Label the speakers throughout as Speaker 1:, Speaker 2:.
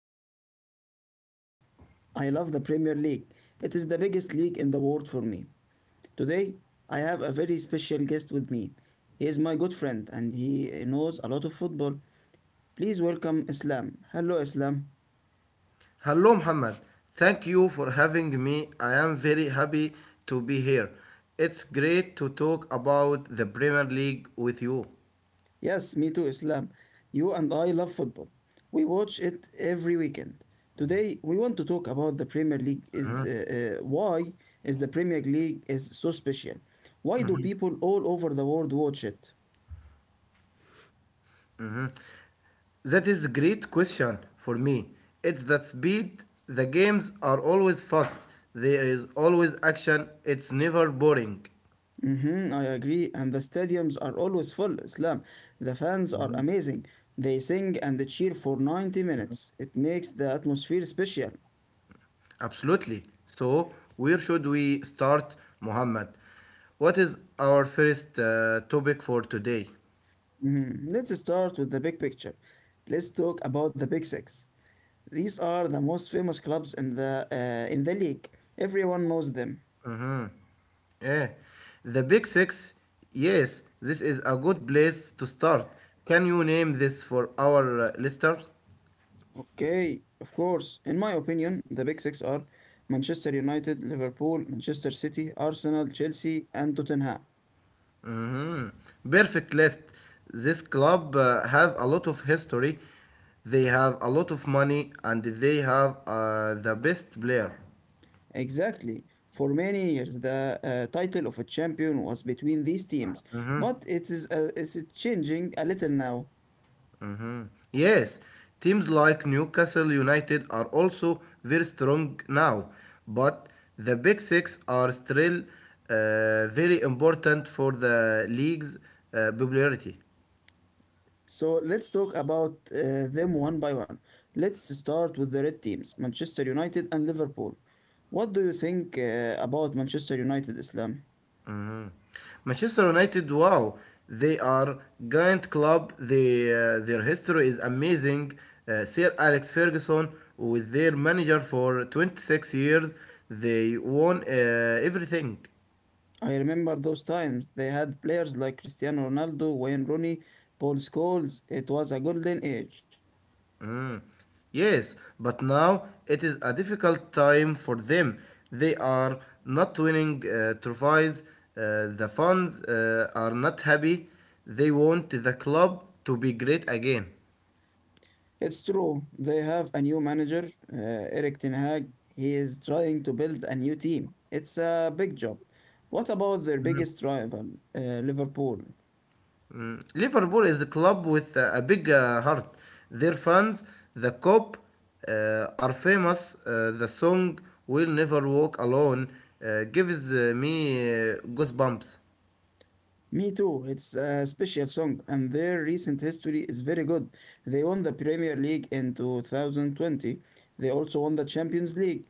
Speaker 1: am a football fan. I love the Premier League, it is the biggest league in the world for me. Today, I have a very special guest with me. He is my good friend, and he knows a lot of football. Please welcome Islam. Hello, Islam.
Speaker 2: Hello, Muhammad. Thank you for having me. I am very happy to be here. It's great to talk about the Premier League with you.
Speaker 1: Yes, me too, Islam. You and I love football. We watch it every weekend. Today, we want to talk about the Premier League. Is
Speaker 2: Mhm,
Speaker 1: why is the Premier League is so special? Why do people all over the world watch it?
Speaker 2: mhm. That is a great question for me. It's the speed. The games are always fast. There is always action. It's never boring.
Speaker 1: Mm-hmm, I agree. And the stadiums are always full. Islam, the fans are amazing. They sing and cheer for 90 minutes. It makes the atmosphere special.
Speaker 2: Absolutely. So, where should we start, Muhammad? What is our first topic for today?
Speaker 1: Mhm. Let's start with the big picture. Let's talk about the big six. These are the most famous clubs in the league. Everyone knows them.
Speaker 2: Mm-hmm. Yeah. The Big Six, yes, this is a good place to start. Can you name this for our listeners?
Speaker 1: Okay, of course. In my opinion, the big six are Manchester United, Liverpool, Manchester City, Arsenal, Chelsea, and Tottenham.
Speaker 2: hmm Perfect list. This club have a lot of history. They have a lot of money and they have the best player.
Speaker 1: Exactly. For many years, the title of a champion was between these teams,
Speaker 2: Mm-hmm.
Speaker 1: but it's changing a little now.
Speaker 2: Mhm. Yes, teams like Newcastle United are also very strong now, but the Big Six are still very important for the league's popularity.
Speaker 1: So let's talk about them one by one. Let's start with the red teams, Manchester United and Liverpool. What do you think about Manchester United, Islam?
Speaker 2: Mhm. Manchester United, wow, they are giant club. Their history is amazing. Sir Alex Ferguson, with their manager for 26 years, they won everything.
Speaker 1: I remember those times. They had players like Cristiano Ronaldo, Wayne Rooney, Paul Scholes. It was a golden age.
Speaker 2: Mm, Yes, but now it is a difficult time for them. They are not winning trophies. The fans are not happy. They want the club to be great again.
Speaker 1: It's true. They have a new manager, uh, Erik Ten Hag. He is trying to build a new team. It's a big job. What about their
Speaker 2: Mm.
Speaker 1: biggest rival, uh, Liverpool?
Speaker 2: Mm. Liverpool is a club with a big heart. Their fans, the cop, are famous. The song "Will Never Walk Alone" gives me goosebumps.
Speaker 1: Me too. It's a special song, and their recent history is very good. They won the Premier League in 2020. They also won the Champions League.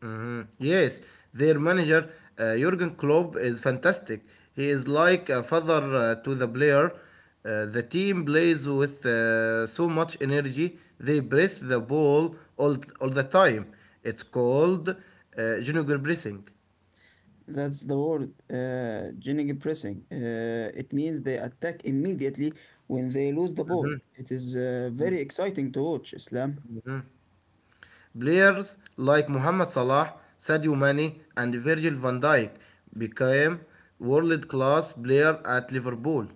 Speaker 2: Mhm. Yes, their manager Jurgen Klopp is fantastic. He is like a father to the player. The team plays with so much energy. They press the ball all the time. It's called junior pressing.
Speaker 1: That's the word, generic pressing. It means they attack immediately when they lose the ball.
Speaker 2: Mhm,
Speaker 1: It is very exciting to watch, Islam.
Speaker 2: mhm. Players like Mohamed Salah, Sadio Mane, and Virgil van Dijk became world-class player at Liverpool.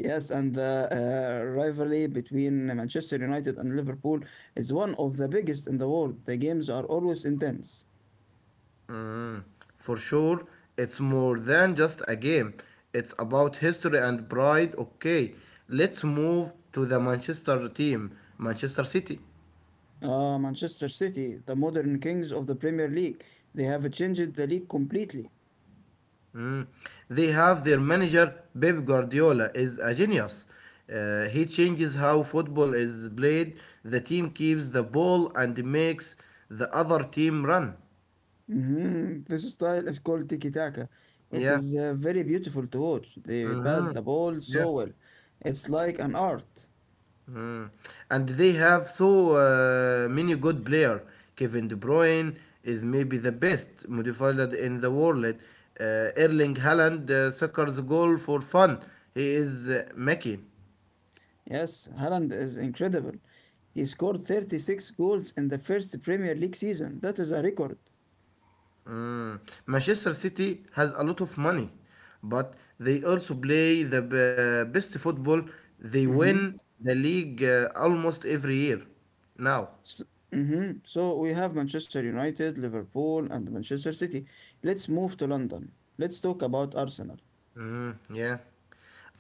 Speaker 1: Yes, and the rivalry between Manchester United and Liverpool is one of the biggest in the world. The games are always intense.
Speaker 2: Mm, for sure, it's more than just a game. It's about history and pride. Okay, let's move to the Manchester team, Manchester City.
Speaker 1: Ah, Manchester City, the modern kings of the Premier League. They have changed the league completely.
Speaker 2: Mm. They have their manager Pep Guardiola is a genius. He changes how football is played. The team keeps the ball and makes the other team run.
Speaker 1: This style is called tiki taka. It
Speaker 2: Yeah.
Speaker 1: is very beautiful to watch. They pass
Speaker 2: hmm
Speaker 1: the ball
Speaker 2: Yeah.
Speaker 1: so well. It's like an art.
Speaker 2: Mm. And they have so many good player. Kevin De Bruyne is maybe the best midfielder in the world. Erling Haaland suckers goal for fun. He is Mickey.
Speaker 1: Yes, Haaland is incredible. He scored 36 goals in the first Premier League season. That is a record.
Speaker 2: Mm. Manchester City has a lot of money, but they also play the best football. They
Speaker 1: Mm-hmm.
Speaker 2: win the league almost every year now.
Speaker 1: So, so we have Manchester United, Liverpool, and Manchester City. Let's move to London. Let's talk about Arsenal.
Speaker 2: Yeah.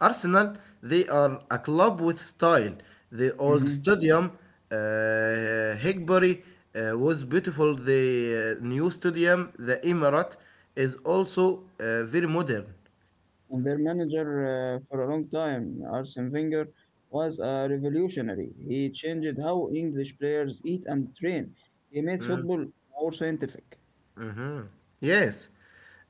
Speaker 2: Arsenal, they are a club with style. The old
Speaker 1: Mm-hmm.
Speaker 2: stadium, Higbury, was beautiful. The new stadium, the Emirate, is also very modern.
Speaker 1: And their manager for a long time, Arsene Wenger, was a revolutionary. He changed how English players eat and train. He made
Speaker 2: Mm.
Speaker 1: football more scientific.
Speaker 2: hmm Yes,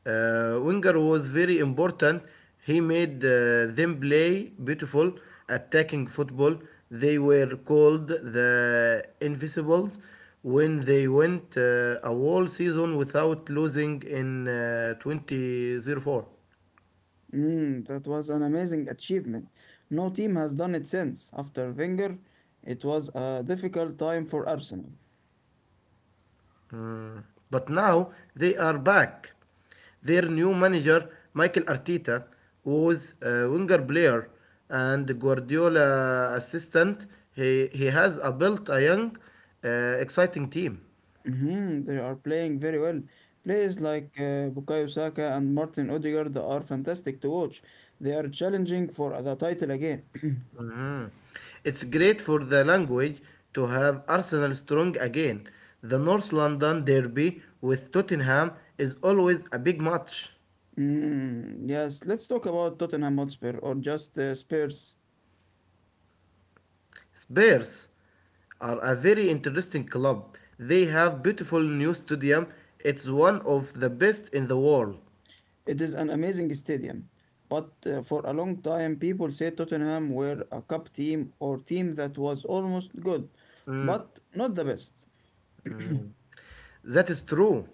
Speaker 2: Wenger was very important. He made them play beautiful, attacking football. They were called the Invisibles when they went a whole season without losing in 2004.
Speaker 1: Mm, that was an amazing achievement. No team has done it since. After Wenger, it was a difficult time for Arsenal.
Speaker 2: Mm. But now they are back. Their new manager, Michael Arteta, was a winger player and Guardiola assistant. He has a built a young, exciting team.
Speaker 1: Mhm, they are playing very well. Players like Bukayo Saka and Martin Odegaard are fantastic to watch. They are challenging for the title again.
Speaker 2: Mhm. It's great for the language to have Arsenal strong again. The North London derby with Tottenham is always a big match.
Speaker 1: Mm, yes, let's talk about Tottenham Hotspur or just Spurs.
Speaker 2: Spurs are a very interesting club. They have beautiful new stadium. It's one of the best in the world.
Speaker 1: It is an amazing stadium, but for a long time people said Tottenham were a cup team or team that was almost good,
Speaker 2: Mm,
Speaker 1: but not the best.
Speaker 2: mm. That is true.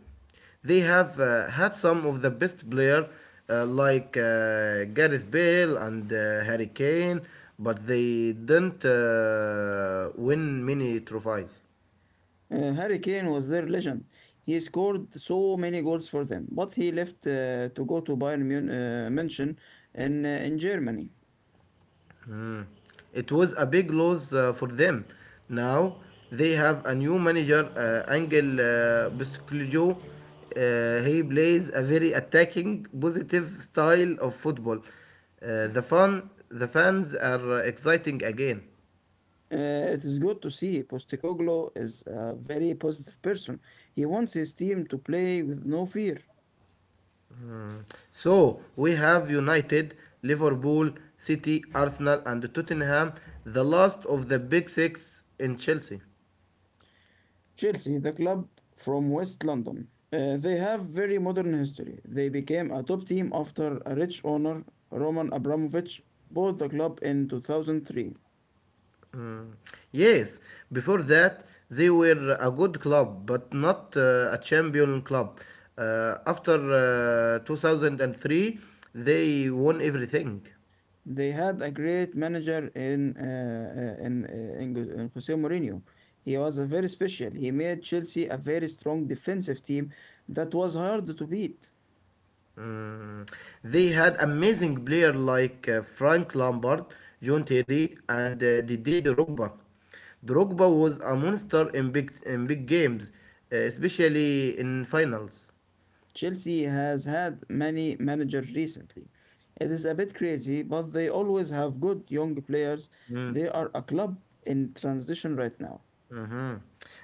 Speaker 2: They have had some of the best player like Gareth Bale and Harry Kane, but they didn't win many trophies.
Speaker 1: Harry Kane was their legend. He scored so many goals for them, but he left to go to München in Germany.
Speaker 2: Mm. It was a big loss for them. Now they have a new manager, Angel Postecoglou. He plays a very attacking, positive style of football. The fans are exciting again.
Speaker 1: It is good to see Postecoglou is a very positive person. He wants his team to play with no fear.
Speaker 2: So we have United, Liverpool, City, Arsenal, and Tottenham, the last of the big six in Chelsea.
Speaker 1: Chelsea, the club from West London, they have very modern history. They became a top team after a rich owner, Roman Abramovich, bought the club in 2003.
Speaker 2: Mm. Yes, before that they were a good club, but not a champion club. After 2003, they won everything.
Speaker 1: They had a great manager uh, in, uh, in in Jose Mourinho. He was a very special. He made Chelsea a very strong defensive team that was hard to beat.
Speaker 2: Mm. They had amazing players like Frank Lampard, John Terry, and Didier Drogba. Drogba was a monster in big games, especially in finals.
Speaker 1: Chelsea has had many managers recently. It is a bit crazy, but they always have good young players.
Speaker 2: Mm.
Speaker 1: They are a club in transition right now.
Speaker 2: Mhm.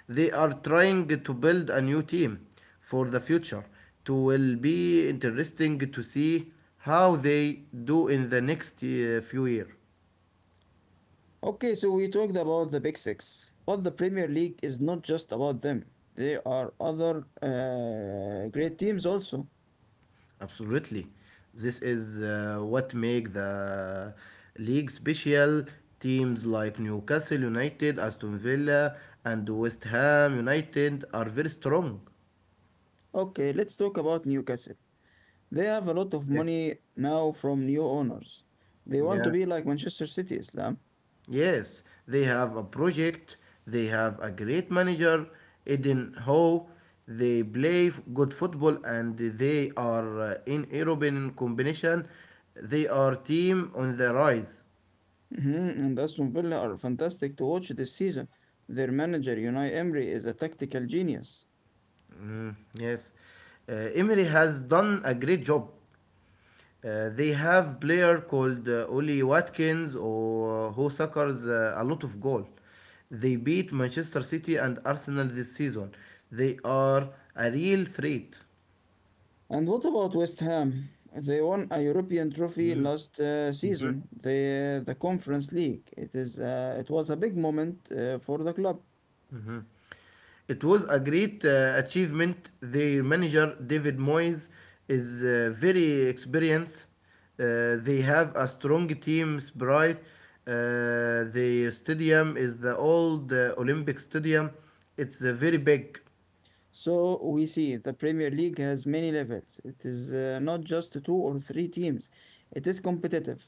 Speaker 2: They are trying to build a new team for the future. It will be interesting to see how they do in the next few years.
Speaker 1: Okay, so we talked about the Big Six, but the Premier League is not just about them. There are other great teams also.
Speaker 2: Absolutely. This is what make the league special. Teams like Newcastle United, Aston Villa, and West Ham United are very strong.
Speaker 1: Okay, let's talk about Newcastle. They have a lot of
Speaker 2: Okay.
Speaker 1: money now from new owners. They want
Speaker 2: Yeah.
Speaker 1: to be like Manchester City, Islam.
Speaker 2: Yes, they have a project, they have a great manager, Eden Howe. They play good football and they are in European combination. They are team on the rise.
Speaker 1: Mhm, and Aston Villa are fantastic to watch this season. Their manager, Unai Emery, is a tactical genius.
Speaker 2: Yes. Emery has done a great job. They have player called Oli Watkins or who suckers a lot of goal. They beat Manchester City and Arsenal this season. They are a real threat.
Speaker 1: And what about West Ham? They won a European trophy last season, the Conference League. It was a big moment for the club.
Speaker 2: Mhm. It was a great achievement. The manager David Moyes is very experienced. They have a strong team spirit. Uh, the stadium is the old Olympic Stadium. It's very big.
Speaker 1: So we see the Premier League has many levels. It is not just two or three teams. It is competitive.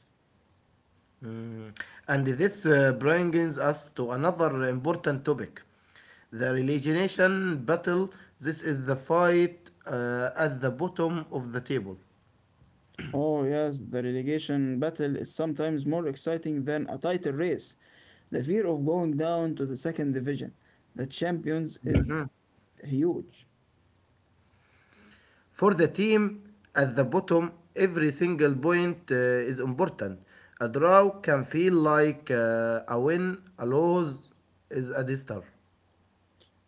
Speaker 2: Mm. And this brings us to another important topic the relegation battle. This is the fight at the bottom of the table.
Speaker 1: Oh yes, the relegation battle is sometimes more exciting than a title race. The fear of going down to the second division, the champions, is huge.
Speaker 2: For the team at the bottom, every single point is important. A draw can feel like a win, a loss is a disaster.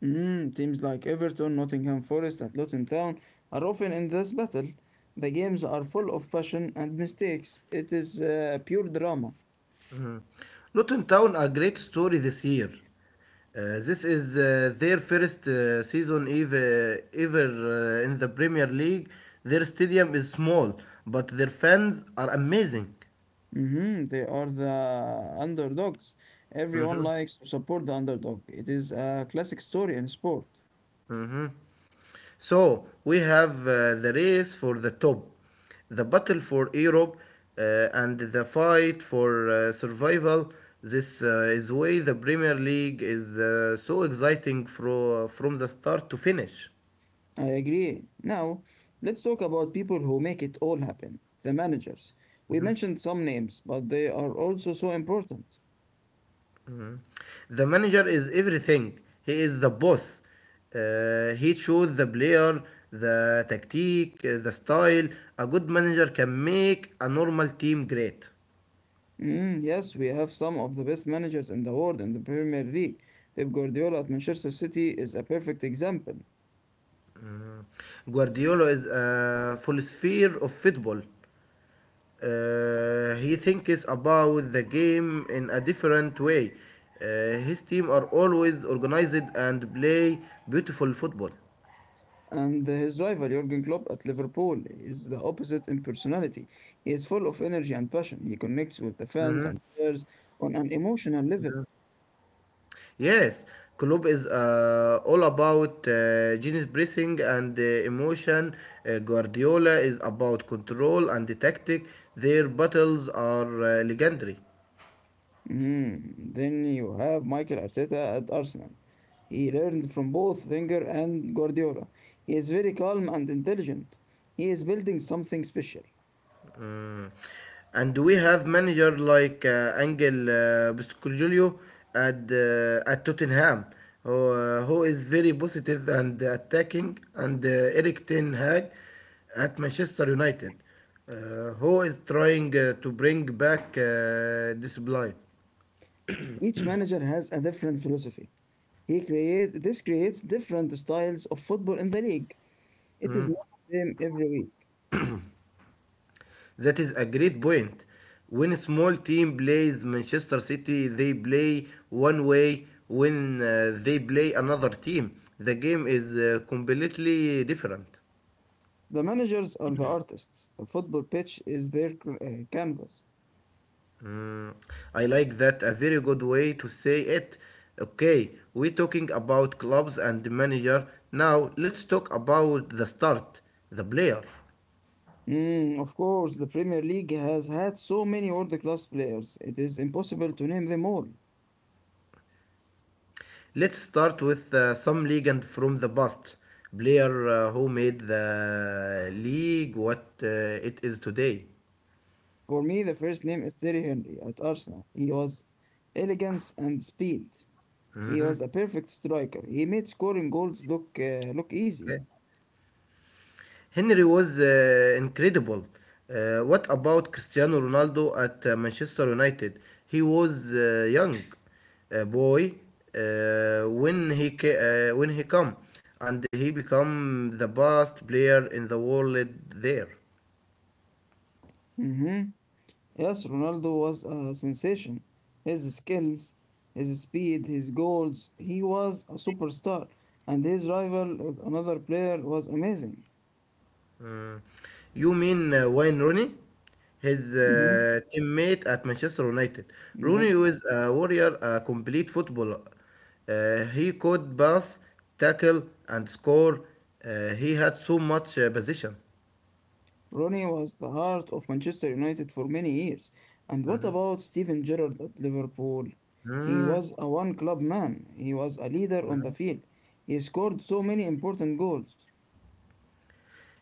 Speaker 1: Mm, teams like Everton, Nottingham Forest, and Luton Town are often in this battle. The games are full of passion and mistakes. It is pure drama.
Speaker 2: Mm. Luton Town a great story this year. This is their first season ever, ever in the Premier League. Their stadium is small, but their fans are amazing.
Speaker 1: Mhm, they are the underdogs.
Speaker 2: Mm-hmm.
Speaker 1: Everyone likes to support the underdog. It is a classic story in sport.
Speaker 2: Mm-hmm. So we have the race for the top, the battle for Europe, uh, and the fight for survival. This is why the Premier League is so exciting from the start to finish.
Speaker 1: I agree. Now, let's talk about people who make it all happen, the managers. We mentioned some names, but they are also so important.
Speaker 2: Mhm. The manager is everything. He is the boss. He chose the player, the tactic, the style. A good manager can make a normal team great.
Speaker 1: Mm, yes, we have some of the best managers in the world in the Premier League. Pep Guardiola at Manchester City is a perfect example.
Speaker 2: Guardiola is a philosopher of football. He thinks about the game in a different way. His team are always organized and play beautiful football.
Speaker 1: And his rival Jurgen Klopp at Liverpool is the opposite in personality. He is full of energy and passion. He connects with the fans
Speaker 2: Mhm,
Speaker 1: and players on an emotional level.
Speaker 2: mhm. Yes, Klopp is all about genius pressing and emotion. Guardiola is about control and tactic. Their battles are legendary.
Speaker 1: Mhm. Then you have Mikel Arteta at Arsenal. He learned from both Wenger and Guardiola. He is very calm and intelligent. He is building something special.
Speaker 2: Mm. And we have manager like Angel Postecoglou at Tottenham, who is very positive and attacking, and Erik Ten Hag at Manchester United, who is trying to bring back discipline.
Speaker 1: Each manager has a different philosophy. He create this creates different styles of football in the league. It is
Speaker 2: Mm.
Speaker 1: not the same every week.
Speaker 2: That is a great point. When a small team plays Manchester City, they play one way. When they play another team, the game is completely different.
Speaker 1: The managers are the artists. The football pitch is their canvas.
Speaker 2: Mm, I like that. A very good way to say it. Okay, we're talking about clubs and manager. Now let's talk about the start, the player.
Speaker 1: Mm, of course, the Premier League has had so many world class players, it is impossible to name them all.
Speaker 2: Let's start with some legend from the past. Player who made the league what it is today.
Speaker 1: For me, the first name is Terry Henry at Arsenal. He was elegance and speed. He
Speaker 2: Mhm.
Speaker 1: was a perfect striker. He made scoring goals look easy.
Speaker 2: Okay. Henry was incredible. What about Cristiano Ronaldo at Manchester United? He was young boy when he when he come and he become the best player in the world there.
Speaker 1: hmm Yes, Ronaldo was a sensation. His skills, his speed, his goals, he was a superstar. And his rival, another player, was amazing.
Speaker 2: Mm. You mean Wayne Rooney? His
Speaker 1: hmm
Speaker 2: teammate at Manchester United. Rooney
Speaker 1: Yes.
Speaker 2: was a warrior, a complete footballer. He could pass, tackle, and score. He had so much position.
Speaker 1: Ronnie was the heart of Manchester United for many years. And what
Speaker 2: Mhm.
Speaker 1: about Steven Gerrard at Liverpool? He was a one club man. He was a leader on the
Speaker 2: Mm.
Speaker 1: field. He scored so many important goals.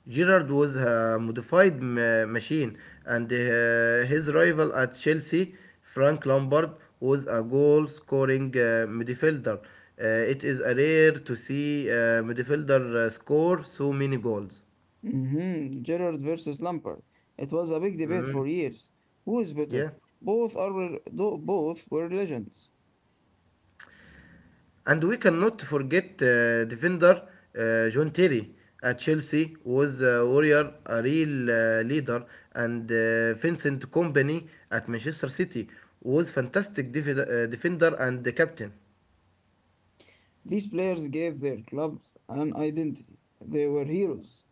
Speaker 2: Gerrard was a modified machine, and his rival at Chelsea, Frank Lampard, was a goal scoring midfielder. It is a rare to see a midfielder score so many goals.
Speaker 1: Mm-hmm. Gerard versus Lampard. It was a big debate
Speaker 2: Mhm.
Speaker 1: for years. Who is better?
Speaker 2: Yeah.
Speaker 1: Both are though both were legends.
Speaker 2: And we cannot forget defender John Terry at Chelsea was a warrior, a real leader, and Vincent Kompany at Manchester City was fantastic defender and the captain.
Speaker 1: These players gave their clubs an identity. They were heroes.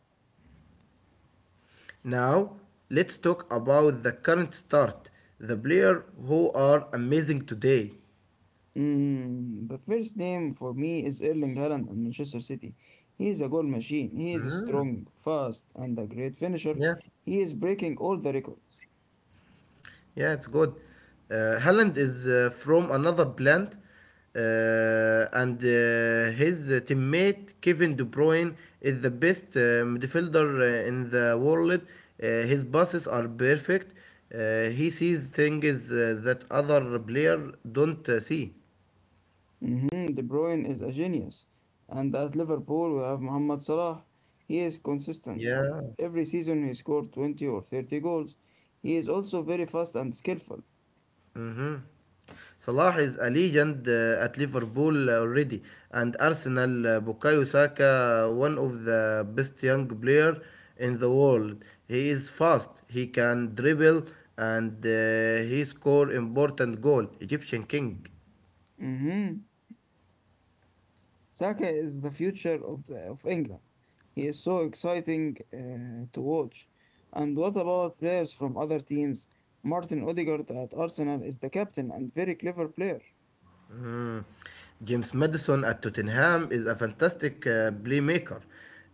Speaker 2: Now let's talk about the current start, the player who are amazing today.
Speaker 1: Mm, the first name for me is Erling Haaland and Manchester City. He is a goal machine. He is
Speaker 2: Mm,
Speaker 1: strong, fast, and a great finisher.
Speaker 2: Yeah.
Speaker 1: He is breaking all the records.
Speaker 2: Yeah, it's good. Haaland is from another plant, uh, and his teammate Kevin De Bruyne is the best midfielder in the world. His passes are perfect. He sees things that other player don't see.
Speaker 1: De Bruyne is a genius. And at Liverpool, we have Mohamed Salah. He is consistent.
Speaker 2: Yeah,
Speaker 1: Every season, he scored 20 or 30 goals. He is also very fast and skillful.
Speaker 2: hmm Salah is a legend at Liverpool already, and Arsenal. Bukayo Saka, one of the best young player in the world. He is fast. He can dribble, and he score important goal. Egyptian king.
Speaker 1: hmm Saka is the future of England. He is so exciting to watch. And what about players from other teams? Martin Odegaard at Arsenal is the captain and very clever player.
Speaker 2: Mm. James Madison at Tottenham is a fantastic playmaker.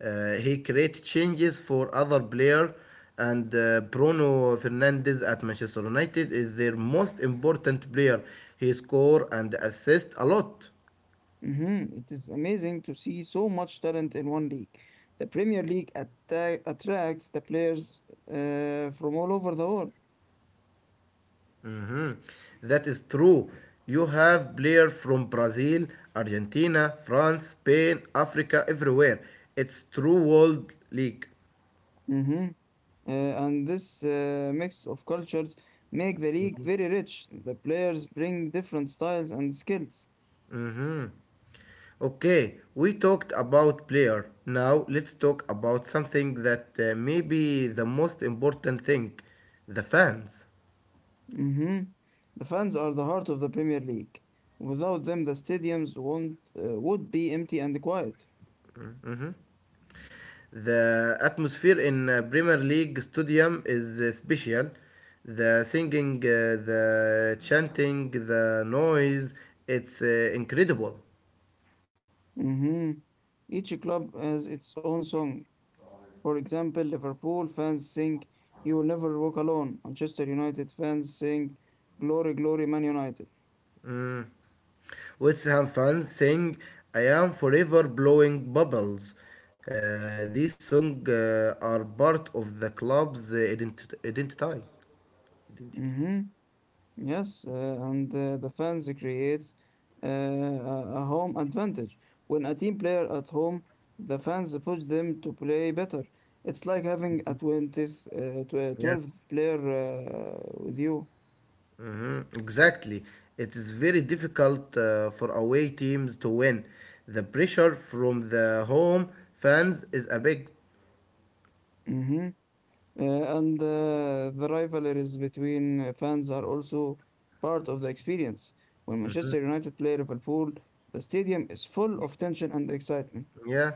Speaker 2: He creates changes for other player, and Bruno Fernandes at Manchester United is their most important player. He score and assist a lot.
Speaker 1: Mhm, it is amazing to see so much talent in one league. The Premier League attracts the players from all over the world.
Speaker 2: Mhm. That is true. You have players from Brazil, Argentina, France, Spain, Africa, everywhere. It's true world league.
Speaker 1: Hmm and this mix of cultures make the league very rich. The players bring different styles and skills.
Speaker 2: Mhm. Okay, we talked about player. Now let's talk about something that may be the most important thing, the fans.
Speaker 1: hmm The fans are the heart of the Premier League. Without them, the stadiums won't, would be empty and quiet.
Speaker 2: Mhm. The atmosphere in Premier League stadium is special. The singing, the chanting, the noise, it's incredible.
Speaker 1: hmm Each club has its own song. For example, Liverpool fans sing "You Will Never Walk Alone." Manchester United fans sing "Glory, Glory, Man United."
Speaker 2: Mm. Let's have fun. Sing I am forever blowing bubbles. These songs are part of the club's identity. Identity.
Speaker 1: hmm Yes, and the fans creates a home advantage. When a team player at home, the fans push them to play better. It's like having a
Speaker 2: Yeah.
Speaker 1: 12th player with you.
Speaker 2: Exactly. It is very difficult for away teams to win. The pressure from the home fans is a big.
Speaker 1: Mhm. Uh, and the rivalries between fans are also part of the experience. When Manchester United play Liverpool, the stadium is full of tension and excitement.
Speaker 2: Yeah.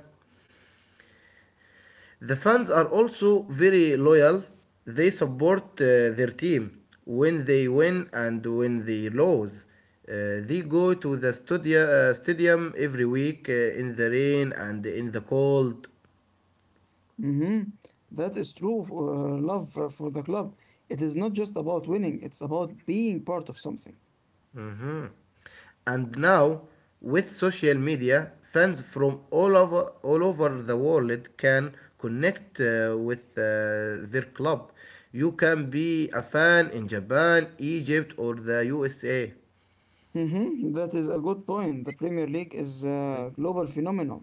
Speaker 2: The fans are also very loyal. They support their team when they win and when they lose. They go to the stadium every week in the rain and in the cold.
Speaker 1: Mhm. That is true love for the club. It is not just about winning, it's about being part of something.
Speaker 2: Mhm. And now, with social media, fans from all over the world can connect with their club. You can be a fan in Japan, Egypt, or the USA.
Speaker 1: Mhm. That is a good point. The Premier League is a global phenomenon.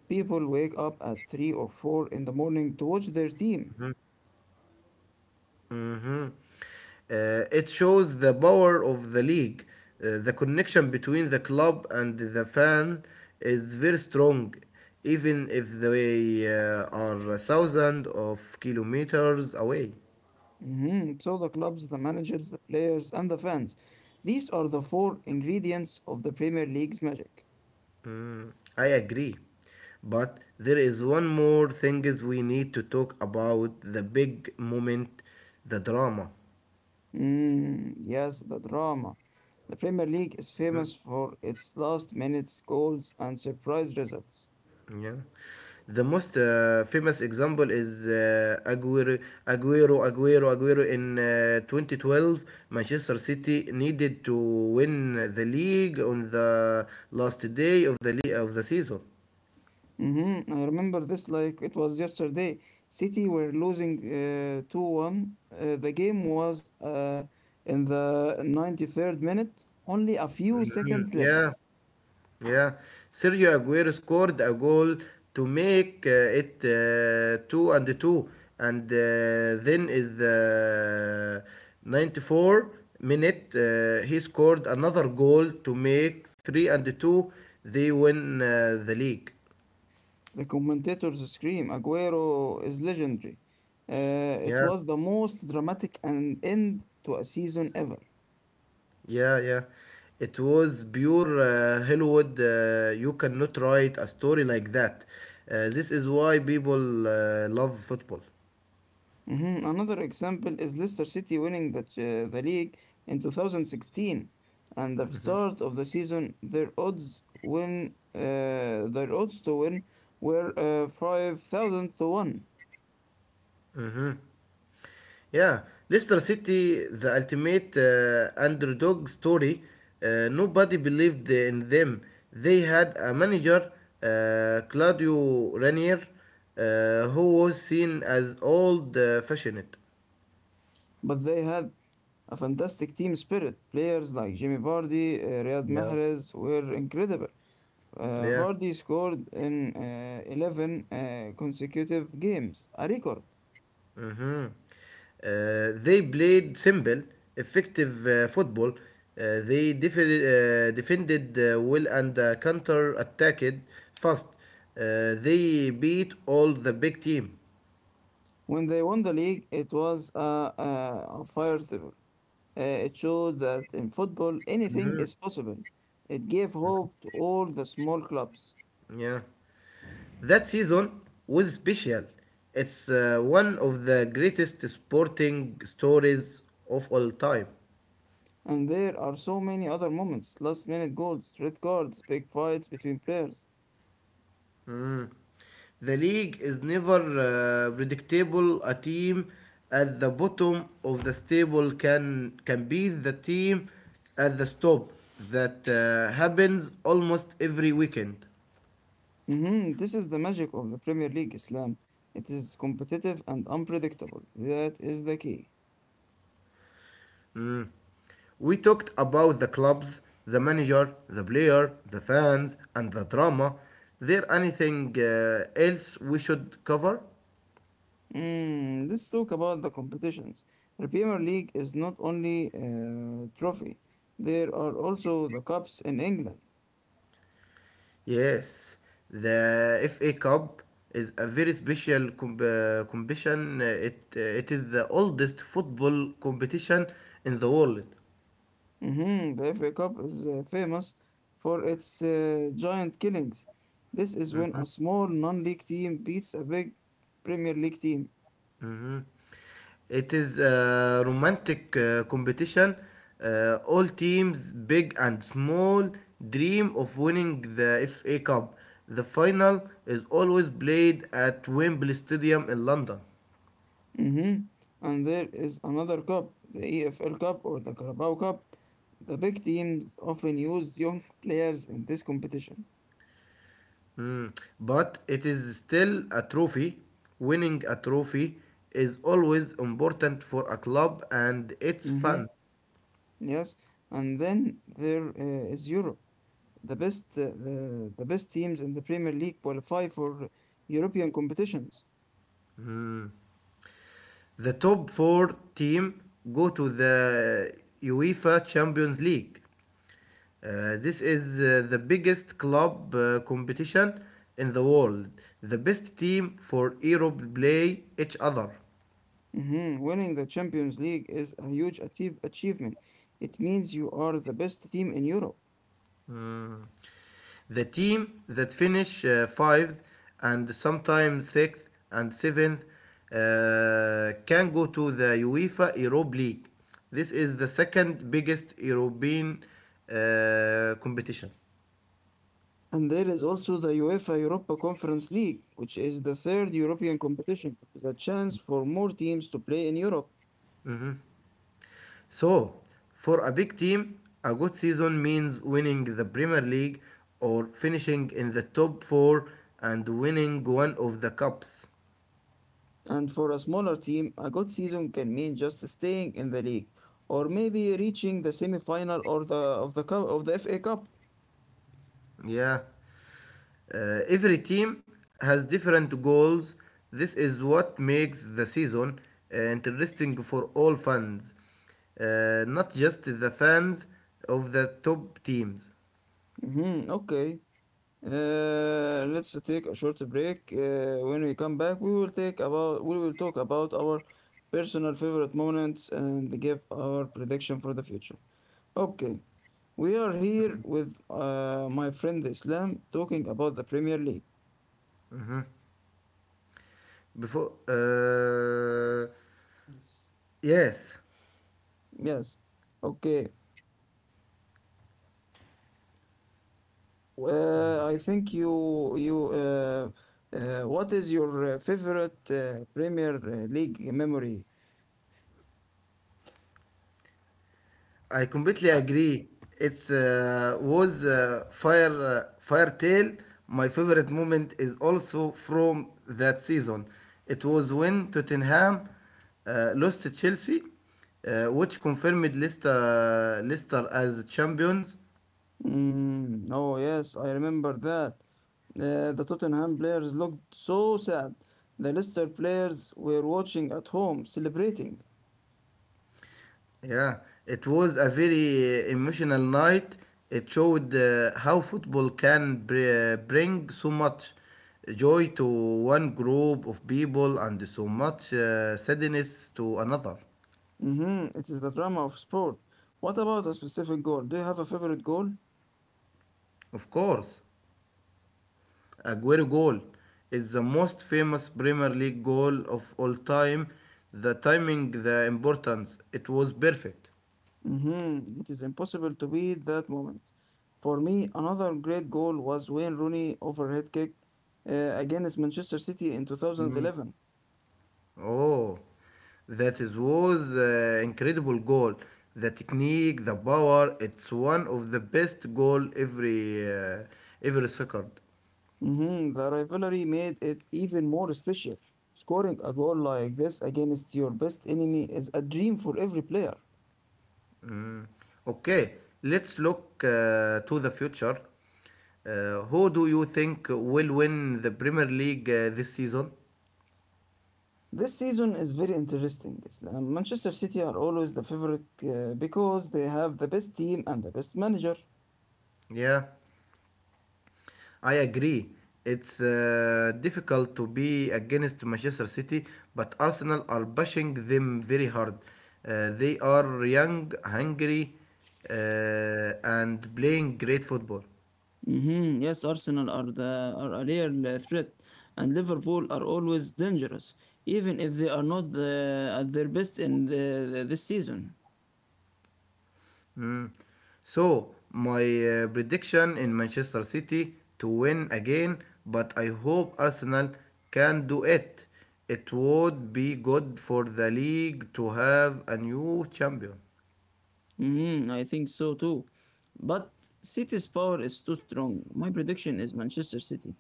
Speaker 1: People wake up at 3 or 4 in the morning to watch their team.
Speaker 2: Mhm. It shows the power of the league. The connection between the club and the fan is very strong, even if they are thousands of kilometers away.
Speaker 1: Mhm, so the clubs, the managers, the players, and the fans. These are the four ingredients of the Premier League's magic.
Speaker 2: I agree. But there is one more thing is we need to talk about the big moment, the drama.
Speaker 1: Mm, yes, the drama. The Premier League is
Speaker 2: Mm-hmm.
Speaker 1: famous for its last minute goals and surprise results.
Speaker 2: Yeah. The most famous example is Aguero in 2012. Manchester City needed to win the league on the last day of the season.
Speaker 1: I remember this like it was yesterday. City were losing 2-1. The game was in the 93rd minute, only a few seconds
Speaker 2: Mhm.
Speaker 1: left.
Speaker 2: Yeah, Yeah, Sergio Aguero scored a goal to make it two and two, and then is the 94 minute he scored another goal to make three and two. They win the league.
Speaker 1: The commentators scream, Aguero is legendary. It
Speaker 2: Yeah,
Speaker 1: was the most dramatic an end to a season ever.
Speaker 2: yeah. It was pure Hollywood. You cannot write a story like that. This is why people love football.
Speaker 1: Mhm. Another example is Leicester City winning the league in 2016. And the start of the season, their odds to win were 5,000 to 1.
Speaker 2: Mm-hmm. Yeah, Leicester City, the ultimate underdog story. Nobody believed in them. They had a manager, Claudio Ranier, who was seen as old fashioned.
Speaker 1: But they had a fantastic team spirit. Players like Jimmy Vardy, Riyad
Speaker 2: Yeah,
Speaker 1: Mahrez were incredible.
Speaker 2: yeah.
Speaker 1: Vardy scored in 11 consecutive games, a record.
Speaker 2: Mm-hmm. They played simple, effective football. They defended well and counter attacked fast. They beat all the big team.
Speaker 1: When they won the league, it was a fire table. It showed that in football, anything
Speaker 2: Mhm.
Speaker 1: is possible. It gave hope to all the small clubs.
Speaker 2: Yeah. That season was special. It's one of the greatest sporting stories of all time.
Speaker 1: And there are so many other moments, last minute goals, red cards, big fights between players.
Speaker 2: Mm. The league is never predictable. A team at the bottom of the table can be the team at the top. That happens almost every weekend.
Speaker 1: Mhm. This is the magic of the Premier League, Islam. It is competitive and unpredictable. That is the key.
Speaker 2: Mm-hmm. We talked about the clubs, the manager, the player, the fans, and the drama. There anything else we should cover?
Speaker 1: Mm, let's talk about the competitions. The Premier League is not only a trophy, there are also the cups in England.
Speaker 2: Yes, the FA Cup is a very special competition. It is the oldest football competition in the world.
Speaker 1: Mhm. The FA Cup is famous for its giant killings. This is when a small non league team beats a big Premier League team.
Speaker 2: Mhm. It is a romantic competition. All teams, big and small, dream of winning the FA Cup. The final is always played at Wembley Stadium in London.
Speaker 1: Mhm. And there is another cup, the EFL Cup or the Carabao Cup. The big teams often use young players in this competition.
Speaker 2: Mm. But it is still a trophy. Winning a trophy is always important for a club and it's
Speaker 1: Mm-hmm.
Speaker 2: fans.
Speaker 1: Yes, and then there is Europe. The best teams in the Premier League qualify for European competitions.
Speaker 2: The top four team go to the UEFA Champions League. This is the biggest club competition in the world. The best team for Europe play each other.
Speaker 1: Mhm. Winning the Champions League is a huge achievement. It means you are the best team in Europe.
Speaker 2: Mm. The team that finish fifth and sometimes sixth and seventh can go to the UEFA Europa League. This is the second biggest European competition.
Speaker 1: And there is also the UEFA Europa Conference League, which is the third European competition. It is a chance for more teams to play in Europe.
Speaker 2: So, for a big team, a good season means winning the Premier League or finishing in the top four and winning one of the cups.
Speaker 1: And for a smaller team, a good season can mean just staying in the league or maybe reaching the semi-final or the of the cup of the FA Cup.
Speaker 2: Yeah. Every team has different goals. This is what makes the season interesting for all fans, not just the fans of the top teams.
Speaker 1: Okay. Let's take a short break. When we come back, we will talk about our personal favorite moments and give our prediction for the future. Okay, we are here with my friend Islam talking about the Premier League.
Speaker 2: Mhm. Before, uh, yes.
Speaker 1: Yes. Okay. I think you you What is your favorite Premier League memory?
Speaker 2: I completely
Speaker 1: I-
Speaker 2: agree. It's was Fire Firetail. My favorite moment is also from that season. It was when Tottenham lost to Chelsea, which confirmed Leicester as champions.
Speaker 1: Mm, oh yes, I remember that. The Tottenham players looked so sad. The Leicester players were watching at home, celebrating.
Speaker 2: Yeah, it was a very emotional night. It showed how football can bring so much joy to one group of people and so much sadness to another.
Speaker 1: Mm-hmm, it is the drama of sport. What about a specific goal? Do you have a favorite goal?
Speaker 2: Of course, Aguero goal is the most famous Premier League goal of all time. The timing, the importance, it was perfect.
Speaker 1: Mhm. It is impossible to beat that moment. For me, another great goal was Wayne Rooney overhead kick against Manchester City in 2011.
Speaker 2: Oh, that is was incredible goal. The technique, the power, it's one of the best goal every second.
Speaker 1: Mhm. The rivalry made it even more special. Scoring a goal like this against your best enemy is a dream for every player.
Speaker 2: Okay, let's look to the future. Who do you think will win the Premier League this season?
Speaker 1: This season is very interesting. Islam. Manchester City are always the favorite because they have the best team and the best manager.
Speaker 2: Yeah. I agree. It's difficult to be against Manchester City, but Arsenal are bashing them very hard. They are young, hungry, uh, and playing great football.
Speaker 1: Mhm. Yes, Arsenal are a real threat, and Liverpool are always dangerous, even if they are not at their best in this season.
Speaker 2: Mm. So, my prediction in Manchester City to win again, but I hope Arsenal can do it. It would be good for the league to have a new champion.
Speaker 1: Mhm. I think so too, but City's power is too strong. My prediction is Manchester City.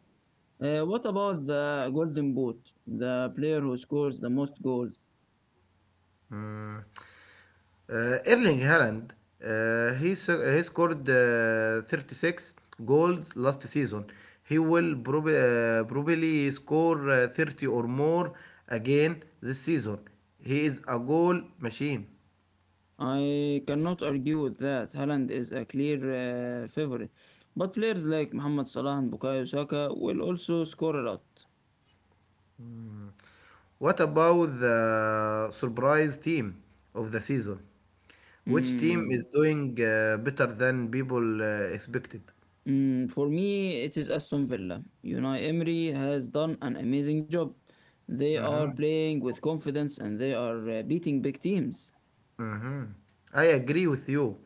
Speaker 1: What about the Golden Boot, the player who scores the most goals?
Speaker 2: Mm. Erling Haaland, he scored 36 goals last season. He will probably score 30 or more again this season. He is a goal machine.
Speaker 1: I cannot argue with that. Haaland is a clear favorite, but players like Mohamed Salah and Bukayo Saka will also score a lot.
Speaker 2: What about the surprise team of the season? Which team is
Speaker 1: Mm,
Speaker 2: doing better than people expected?
Speaker 1: mm, for me, it is Aston Villa. Unai Emery has done an amazing job. They are
Speaker 2: Mm-hmm.
Speaker 1: playing with confidence and they are beating big teams.
Speaker 2: Mhm. I agree with you.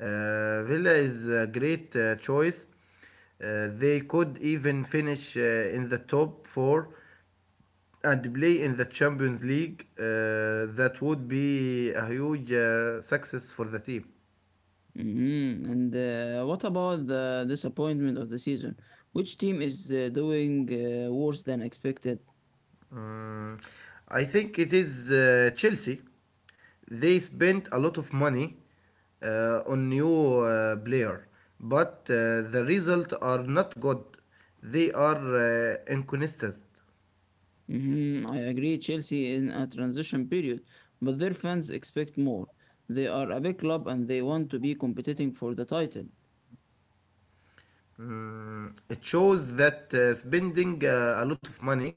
Speaker 2: Villa is a great choice. They could even finish in the top four and play in the Champions League. That would be a huge success for the team.
Speaker 1: Mhm. And what about the disappointment of the season? Which team is doing worse than expected?
Speaker 2: Mm, I think it is Chelsea. They spent a lot of money on new player, but the result are not good. They are inconsistent.
Speaker 1: Mhm, I agree, Chelsea in a transition period, but their fans expect more. They are a big club and they want to be competing for the title.
Speaker 2: Mm, it shows that spending a lot of money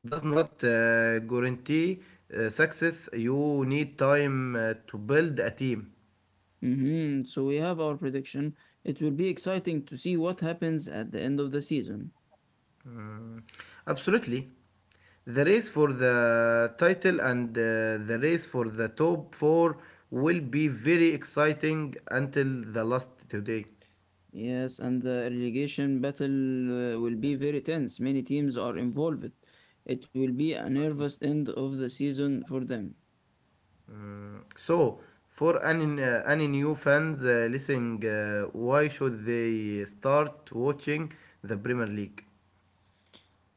Speaker 2: does not guarantee success. You need time to build a team.
Speaker 1: So we have our prediction. It will be exciting to see what happens at the end of the season.
Speaker 2: Absolutely. The race for the title and the race for the top four will be very exciting until the last today.
Speaker 1: Yes, and the relegation battle will be very tense. Many teams are involved. It will be a nervous end of the season for them.
Speaker 2: So, for any new fans listening, why should they start watching the Premier League?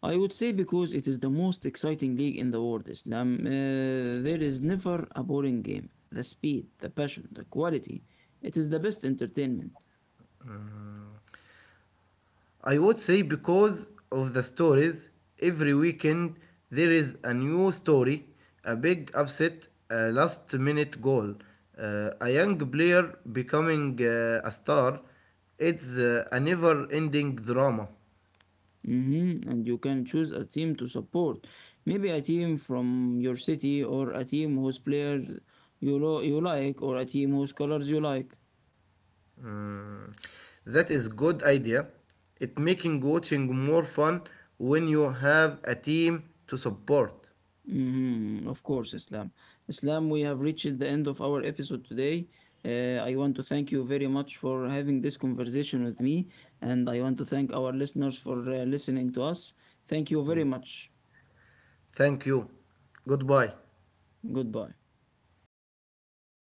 Speaker 1: I would say because it is the most exciting league in the world, Islam. There is never a boring game. The speed, the passion, the quality. It is the best entertainment.
Speaker 2: I would say because of the stories, every weekend there is a new story, a big upset, a last minute goal, a young player becoming a star. It's a never ending drama.
Speaker 1: Mhm. And you can choose a team to support. Maybe a team from your city or a team whose players you like or a team whose colors you like.
Speaker 2: Mm, that is good idea. It making watching more fun when you have a team to support.
Speaker 1: Mhm, of course, Islam. Islam, we have reached the end of our episode today. I want to thank you very much for having this conversation with me, and I want to thank our listeners for listening to us. Thank you very much.
Speaker 2: Thank you. Goodbye.
Speaker 1: Goodbye.